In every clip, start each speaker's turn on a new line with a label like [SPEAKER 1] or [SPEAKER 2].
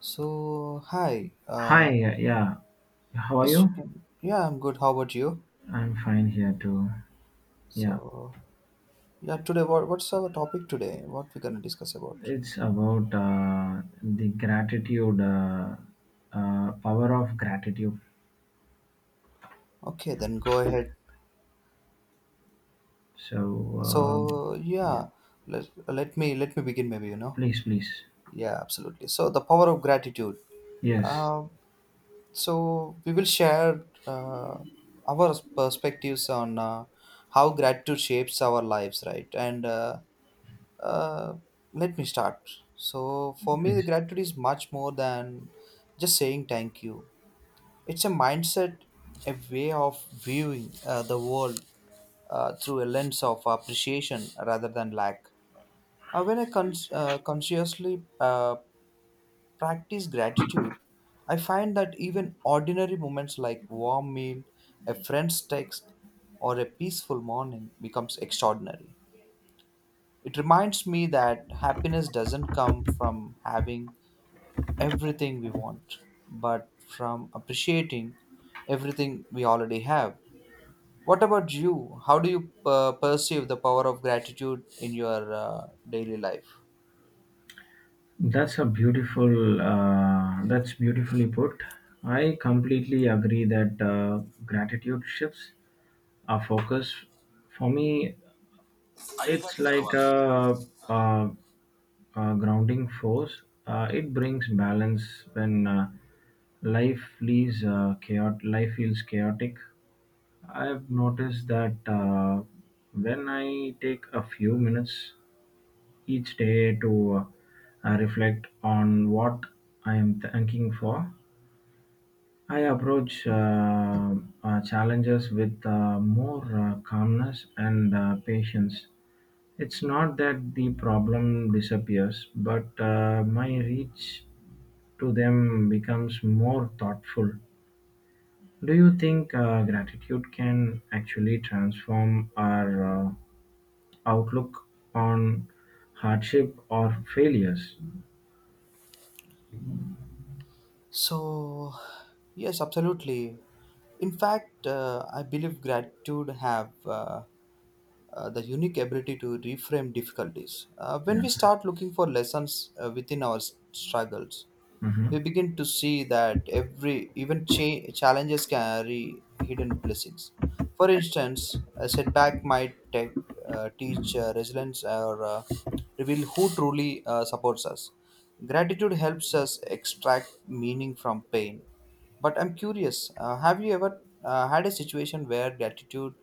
[SPEAKER 1] So, hi.
[SPEAKER 2] Hi, yeah, how are
[SPEAKER 1] Yes,
[SPEAKER 2] you?
[SPEAKER 1] you can. Yeah, I'm good. How about you?
[SPEAKER 2] I'm fine here too. Yeah,
[SPEAKER 1] So, yeah, today, what's our topic today? What we're gonna discuss about?
[SPEAKER 2] it's about the gratitude, power of gratitude.
[SPEAKER 1] Okay, then go ahead.
[SPEAKER 2] So, um
[SPEAKER 1] So, yeah,
[SPEAKER 2] yeah,
[SPEAKER 1] let me begin. Maybe you know.
[SPEAKER 2] please, please,
[SPEAKER 1] Yeah, absolutely. So, the power of gratitude.
[SPEAKER 2] yes,
[SPEAKER 1] Um, so we will share our perspectives on how gratitude shapes our lives, right? And Uh, Let me start. So, for me, the
[SPEAKER 2] please.
[SPEAKER 1] gratitude is much more than just saying thank you. It's a mindset, a way of viewing the world through a lens of appreciation rather than lack. When I consciously practice gratitude, I find that even ordinary moments like warm meal, a friend's text, or a peaceful morning becomes extraordinary. It reminds me that happiness doesn't come from having everything we want, but from appreciating everything we already have. What about you? How do you perceive the power of gratitude in your daily life?
[SPEAKER 2] That's a beautiful. That's beautifully put. I completely agree that gratitude shifts our focus. For me, it's like a, uh grounding force. It brings balance when Life feels chaotic. I've noticed that when I take a few minutes each day to reflect on what I am thanking for, I approach challenges with more calmness and patience. It's not that the problem disappears, but my reach to them becomes more thoughtful. Do you think gratitude can actually transform our outlook on hardship or failures?
[SPEAKER 1] So, yes, absolutely. In fact, I believe gratitude have the unique ability to reframe difficulties. When
[SPEAKER 2] Yeah.
[SPEAKER 1] we start looking for lessons within our struggles, we
[SPEAKER 2] Mhm.
[SPEAKER 1] begin to see that every even challenges carry hidden blessings. For instance, a setback might teach resilience or reveal who truly supports us. Gratitude helps us extract meaning from pain. But I'm curious, have you ever had a situation where gratitude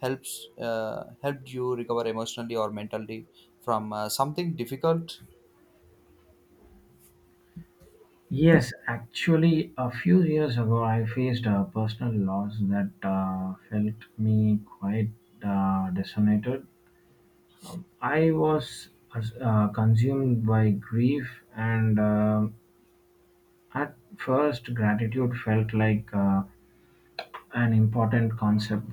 [SPEAKER 1] helps helped you recover emotionally or mentally from something difficult?
[SPEAKER 2] Yes, actually, a few years ago, I faced a personal loss that felt me quite disoriented. I was consumed by grief, and at first, gratitude felt like an important concept.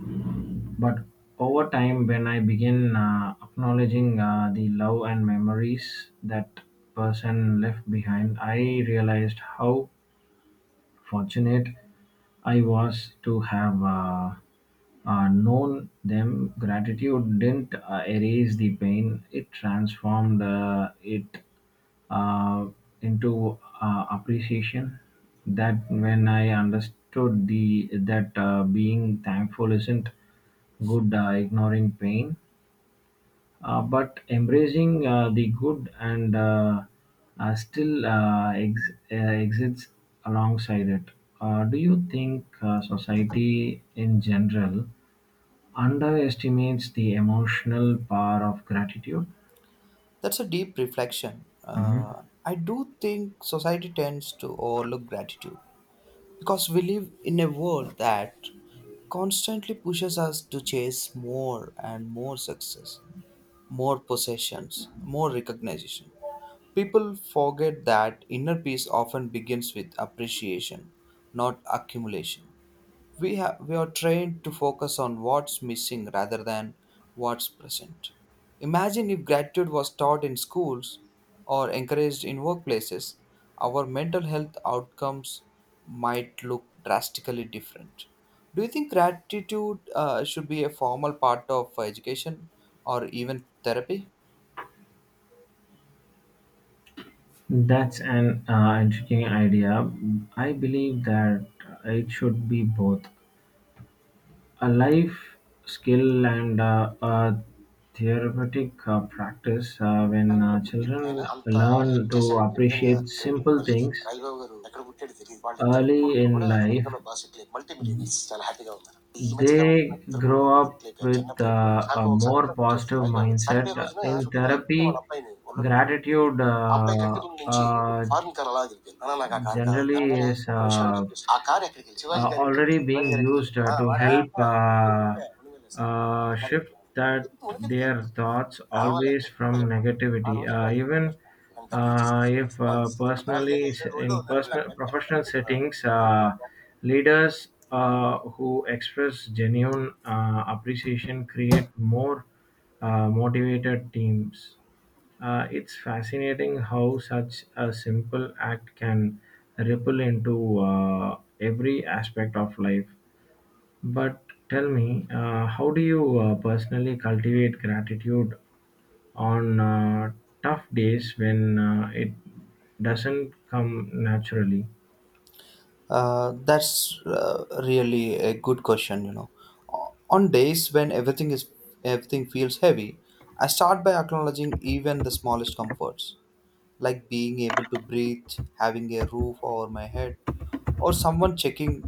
[SPEAKER 2] But over time, when I began acknowledging the love and memories that person left behind, I realized how fortunate I was to have known them. Gratitude didn't erase the pain; it transformed it uh, into appreciation. That when I understood the that being thankful isn't good, ignoring pain but embracing the good and still exists alongside it. Do you think society in general underestimates the emotional power of gratitude?
[SPEAKER 1] That's a deep reflection. I do think society tends to overlook gratitude because we live in a world that constantly pushes us to chase more and more success, more possessions, more recognition. People forget that inner peace often begins with appreciation, not accumulation. We have we are trained to focus on what's missing rather than what's present. Imagine if gratitude was taught in schools or encouraged in workplaces, our mental health outcomes might look drastically different. Do you think gratitude should be a formal part of education or even therapy?
[SPEAKER 2] That's an intriguing idea. I believe that it should be both. A life skill and a therapeutic practice when
[SPEAKER 1] తెలంగాణలో పుట్టి ఆయన
[SPEAKER 2] children
[SPEAKER 1] అంత
[SPEAKER 2] learn
[SPEAKER 1] help
[SPEAKER 2] to
[SPEAKER 1] చేశారంటే నిజంగా
[SPEAKER 2] appreciate
[SPEAKER 1] great
[SPEAKER 2] simple
[SPEAKER 1] మళ్ళీ
[SPEAKER 2] things
[SPEAKER 1] Rajababu garu ఎక్కడ పుట్టాడు తెలియదు వాళ్ళిద్దరు
[SPEAKER 2] early
[SPEAKER 1] కొడుకులు
[SPEAKER 2] in
[SPEAKER 1] కూడా
[SPEAKER 2] life,
[SPEAKER 1] అమెరికాలో బాగా సెటిల్ అయ్యారు, మల్టీ మిలియనర్స్ చాలా హ్యాపీగా ఉన్నారు ఈ మధ్య కాలం
[SPEAKER 2] they
[SPEAKER 1] ఇద్దరు
[SPEAKER 2] grow
[SPEAKER 1] కొడుకులు
[SPEAKER 2] up
[SPEAKER 1] సెటిల్ అయిపోయారు
[SPEAKER 2] with
[SPEAKER 1] చిన్నప్పుడు ఎప్పుడో చూసి. నాకు
[SPEAKER 2] a
[SPEAKER 1] ఒక
[SPEAKER 2] more
[SPEAKER 1] సంఘటన గుర్తు
[SPEAKER 2] positive
[SPEAKER 1] వస్తుంది రాజబాబు గారు
[SPEAKER 2] mindset.
[SPEAKER 1] సండే రోజున
[SPEAKER 2] In
[SPEAKER 1] షూటింగ్ లేకపోతే వాళ్ళ
[SPEAKER 2] therapy,
[SPEAKER 1] అబ్బాయిని ఒళ్ళో పెట్టుకుని కూర్చుంటాడు.
[SPEAKER 2] gratitude
[SPEAKER 1] ఆ అబ్బాయి కంటి ముందు నుంచి ఒక ఫారెన్ కార్ అలా దిగిపోయింది అన్న నాకు ఆ కార్ కావాలి
[SPEAKER 2] generally
[SPEAKER 1] అనగానే
[SPEAKER 2] is.
[SPEAKER 1] ఒక నిమిషం అని చెప్పేసి ఆ కార్ ఎక్కడికి వెళ్ళి శివాజీ గారి ఇంట్లో
[SPEAKER 2] Already
[SPEAKER 1] శివాజీ
[SPEAKER 2] being
[SPEAKER 1] గారి ఇంటికి వెళ్ళి,
[SPEAKER 2] used
[SPEAKER 1] "ఆ,
[SPEAKER 2] to
[SPEAKER 1] వాడా
[SPEAKER 2] help
[SPEAKER 1] ఆ, ఎక్కడికి వెళ్ళా?" "ఉండగలే సార్ అంత కార్
[SPEAKER 2] shift
[SPEAKER 1] ఎందుకు?"
[SPEAKER 2] that
[SPEAKER 1] "ఎందుకు, ఉండగలిగితే?"
[SPEAKER 2] their thoughts always
[SPEAKER 1] కావాలంటే ఎంత
[SPEAKER 2] from
[SPEAKER 1] చెప్పండి ఆ
[SPEAKER 2] negativity,
[SPEAKER 1] రోజుల్లో నాకు మూడు
[SPEAKER 2] even
[SPEAKER 1] లక్షలు నేను డబ్బులు ఇచ్చి తీసుకొచ్చి
[SPEAKER 2] if
[SPEAKER 1] కాదు నాలుగేళ్ళు
[SPEAKER 2] personally
[SPEAKER 1] ఐదేళ్ళు ఒళ్ళు
[SPEAKER 2] in personal
[SPEAKER 1] ఉన్నాడు
[SPEAKER 2] professional settings,
[SPEAKER 1] అంత
[SPEAKER 2] leaders who express genuine appreciation create more motivated teams. It's fascinating how such a simple act can ripple into every aspect of life. But tell me, how do you personally cultivate gratitude on tough days when it doesn't come naturally?
[SPEAKER 1] That's uh, really a good question, you know. O- On days when everything feels heavy, I start by acknowledging even the smallest comforts, like being able to breathe, having a roof over my head, or someone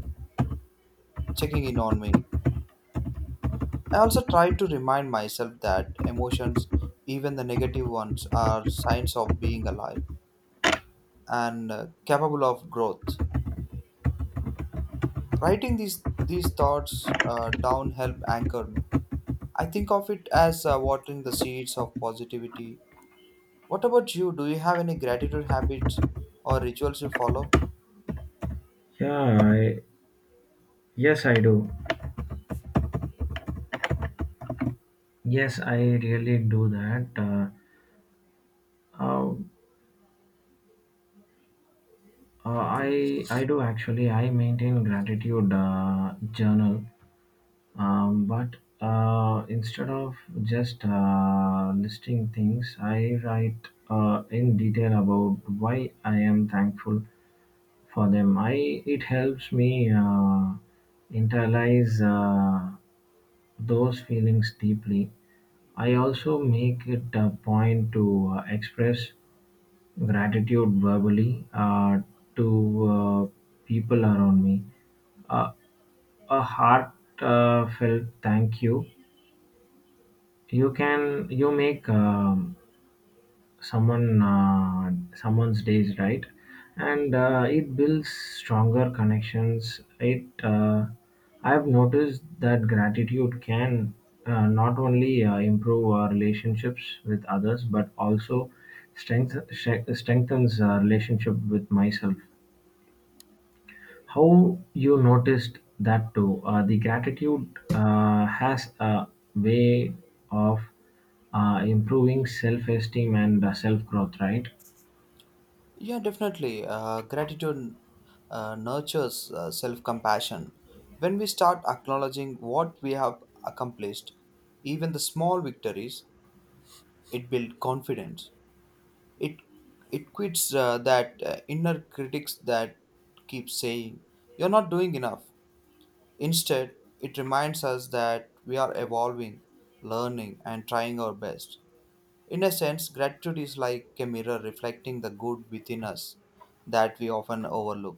[SPEAKER 1] checking in on me. I also try to remind myself that emotions, even the negative ones, are signs of being alive and capable of growth. Writing these thoughts down help anchor me. I think of it as watering the seeds of positivity. What about you? Do you have any gratitude habits or rituals you follow?
[SPEAKER 2] Yeah, I, yes, I do. Yes, I really do that. Uh, I do actually. I maintain gratitude journal. But instead of just listing things, I write in detail about why I am thankful for them. I it helps me internalize those feelings deeply. I also make it a point to express gratitude verbally to people around me. Uh, a heartfelt felt thank you can you make someone uh, someone's days right, and it builds stronger connections. It I've noticed that gratitude can not only improve our relationships with others but also strength, strengthens our relationship with myself. How you noticed that too? The gratitude has a way of improving self-esteem and self-growth, right?
[SPEAKER 1] Yeah, definitely. Gratitude nurtures self compassion. When we start acknowledging what we have accomplished, even the small victories, it builds confidence. It it quits that inner critics that keep saying you're not doing enough. Instead, it reminds us that we are evolving, learning, and trying our best. In a sense, gratitude is like a mirror reflecting the good within us that we often overlook.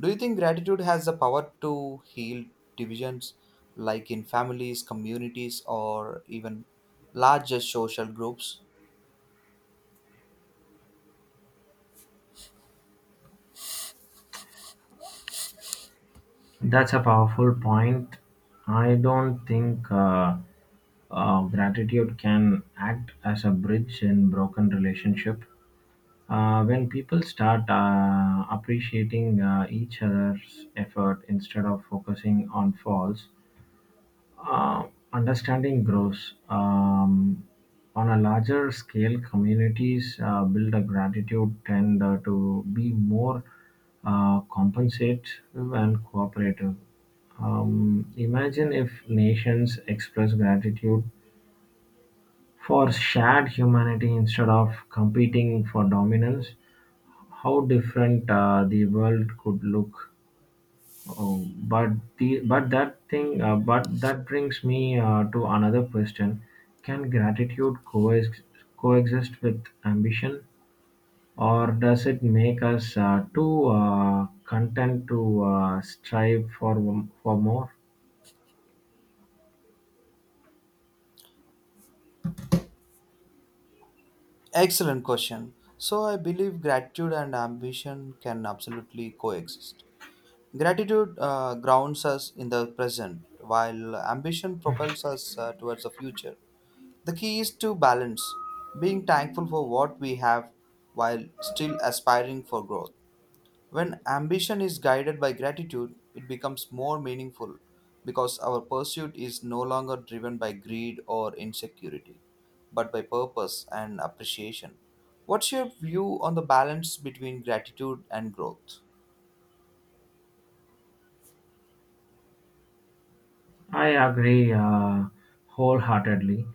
[SPEAKER 1] Do you think gratitude has the power to heal divisions, like in families, communities, or even larger social groups?
[SPEAKER 2] That's a powerful point. I don't think gratitude can act as a bridge in broken relationship. When people start appreciating each other's effort instead of focusing on faults, uh, understanding grows. On a larger scale, communities build a gratitude tend to be more compensative and cooperative. Imagine if nations express gratitude for shared humanity instead of competing for dominance, how different the world could look. Oh, but the but that thing but that brings me to another question. Can gratitude coex coexist with ambition, or does it make us too content to strive for more?
[SPEAKER 1] Excellent question. So, I believe gratitude and ambition can absolutely coexist. Gratitude grounds us in the present, while ambition propels us towards the future. The key is to balance, being thankful for what we have while still aspiring for growth. When ambition is guided by gratitude, it becomes more meaningful because our pursuit is no longer driven by greed or insecurity, but by purpose and appreciation. What's your view on the balance between gratitude and growth?
[SPEAKER 2] I agree wholeheartedly.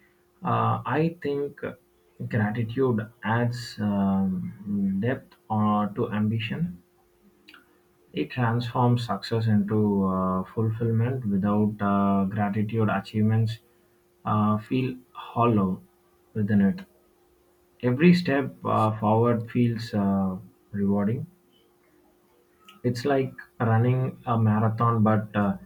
[SPEAKER 2] I think gratitude adds depth to ambition. It transforms success into fulfillment; without gratitude, achievements feel hollow within it. Every step forward feels rewarding. It's like running a marathon, but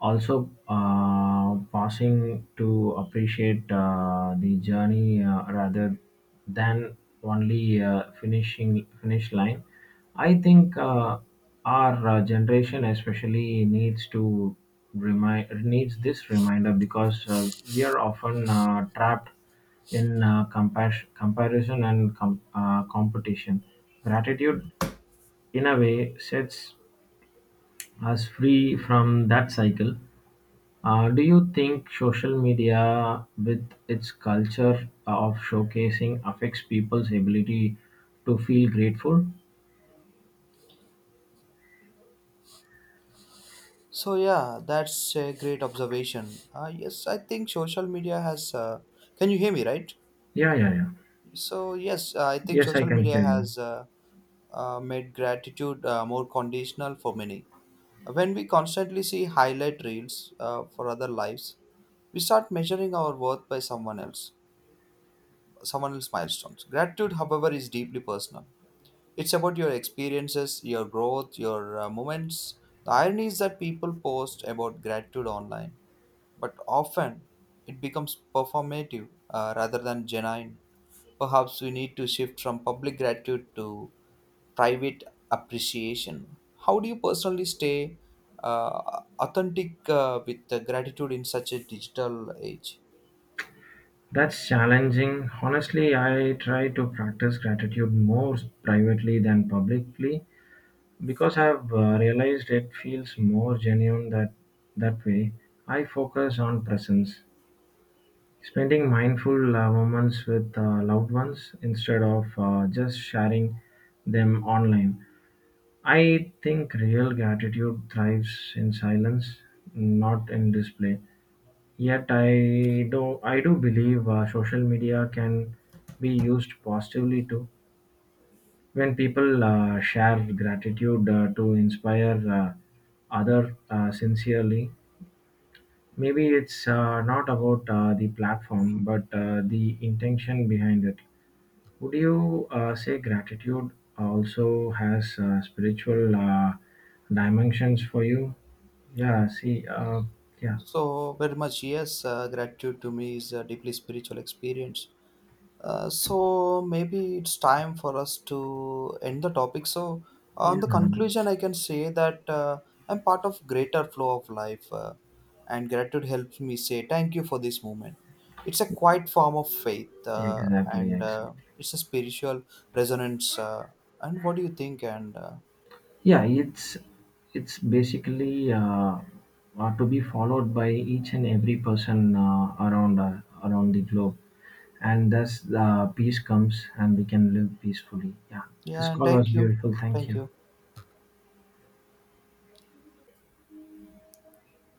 [SPEAKER 2] also pausing to appreciate the journey rather than only finish line. I think our generation especially needs to remind needs this reminder because we are often trapped in comparison and competition. Gratitude, in a way, sets as free from that cycle. Do you think social media, with its culture of showcasing, affects people's ability to feel grateful?
[SPEAKER 1] So yeah, that's a great observation. Yes, I think social media has. Can you hear me, right?
[SPEAKER 2] Yeah, yeah, yeah.
[SPEAKER 1] So yes, I think
[SPEAKER 2] Yes, I
[SPEAKER 1] social
[SPEAKER 2] can
[SPEAKER 1] media
[SPEAKER 2] hear you.
[SPEAKER 1] has made gratitude more conditional for many. When we constantly see highlight reels for other lives, we start measuring our worth by someone else's milestones. Gratitude, however, is deeply personal. It's about your experiences, your growth, your moments. The irony is that people post about gratitude online but often it becomes performative rather than genuine. Perhaps we need to shift from public gratitude to private appreciation. How do you personally stay authentic with the gratitude in such a digital age?
[SPEAKER 2] That's challenging. Honestly, I try to practice gratitude more privately than publicly because I've realized it feels more genuine that way. I focus on presence, spending mindful moments with loved ones instead of just sharing them online. I think real gratitude thrives in silence, not in display. Yet I do believe social media can be used positively too. When people share gratitude to inspire other sincerely, maybe it's not about the platform but the intention behind it. Would you say gratitude also has spiritual dimensions for you? Yeah, see, uh, yeah,
[SPEAKER 1] So, very much yes, gratitude to me is a deeply spiritual experience. So maybe it's time for us to end the topic. So on
[SPEAKER 2] yeah,
[SPEAKER 1] the conclusion, I can say that I'm part of greater flow of life, and gratitude helps me say thank you for this moment. It's a quiet form of faith,
[SPEAKER 2] exactly,
[SPEAKER 1] and
[SPEAKER 2] exactly.
[SPEAKER 1] it's a spiritual resonance. And what do you think? And
[SPEAKER 2] Yeah, it's basically to be followed by each and every person around the globe, and thus peace comes, and we can live peacefully. Yeah, this
[SPEAKER 1] Yeah, and
[SPEAKER 2] call was beautiful. Thank
[SPEAKER 1] thank
[SPEAKER 2] you.
[SPEAKER 1] you.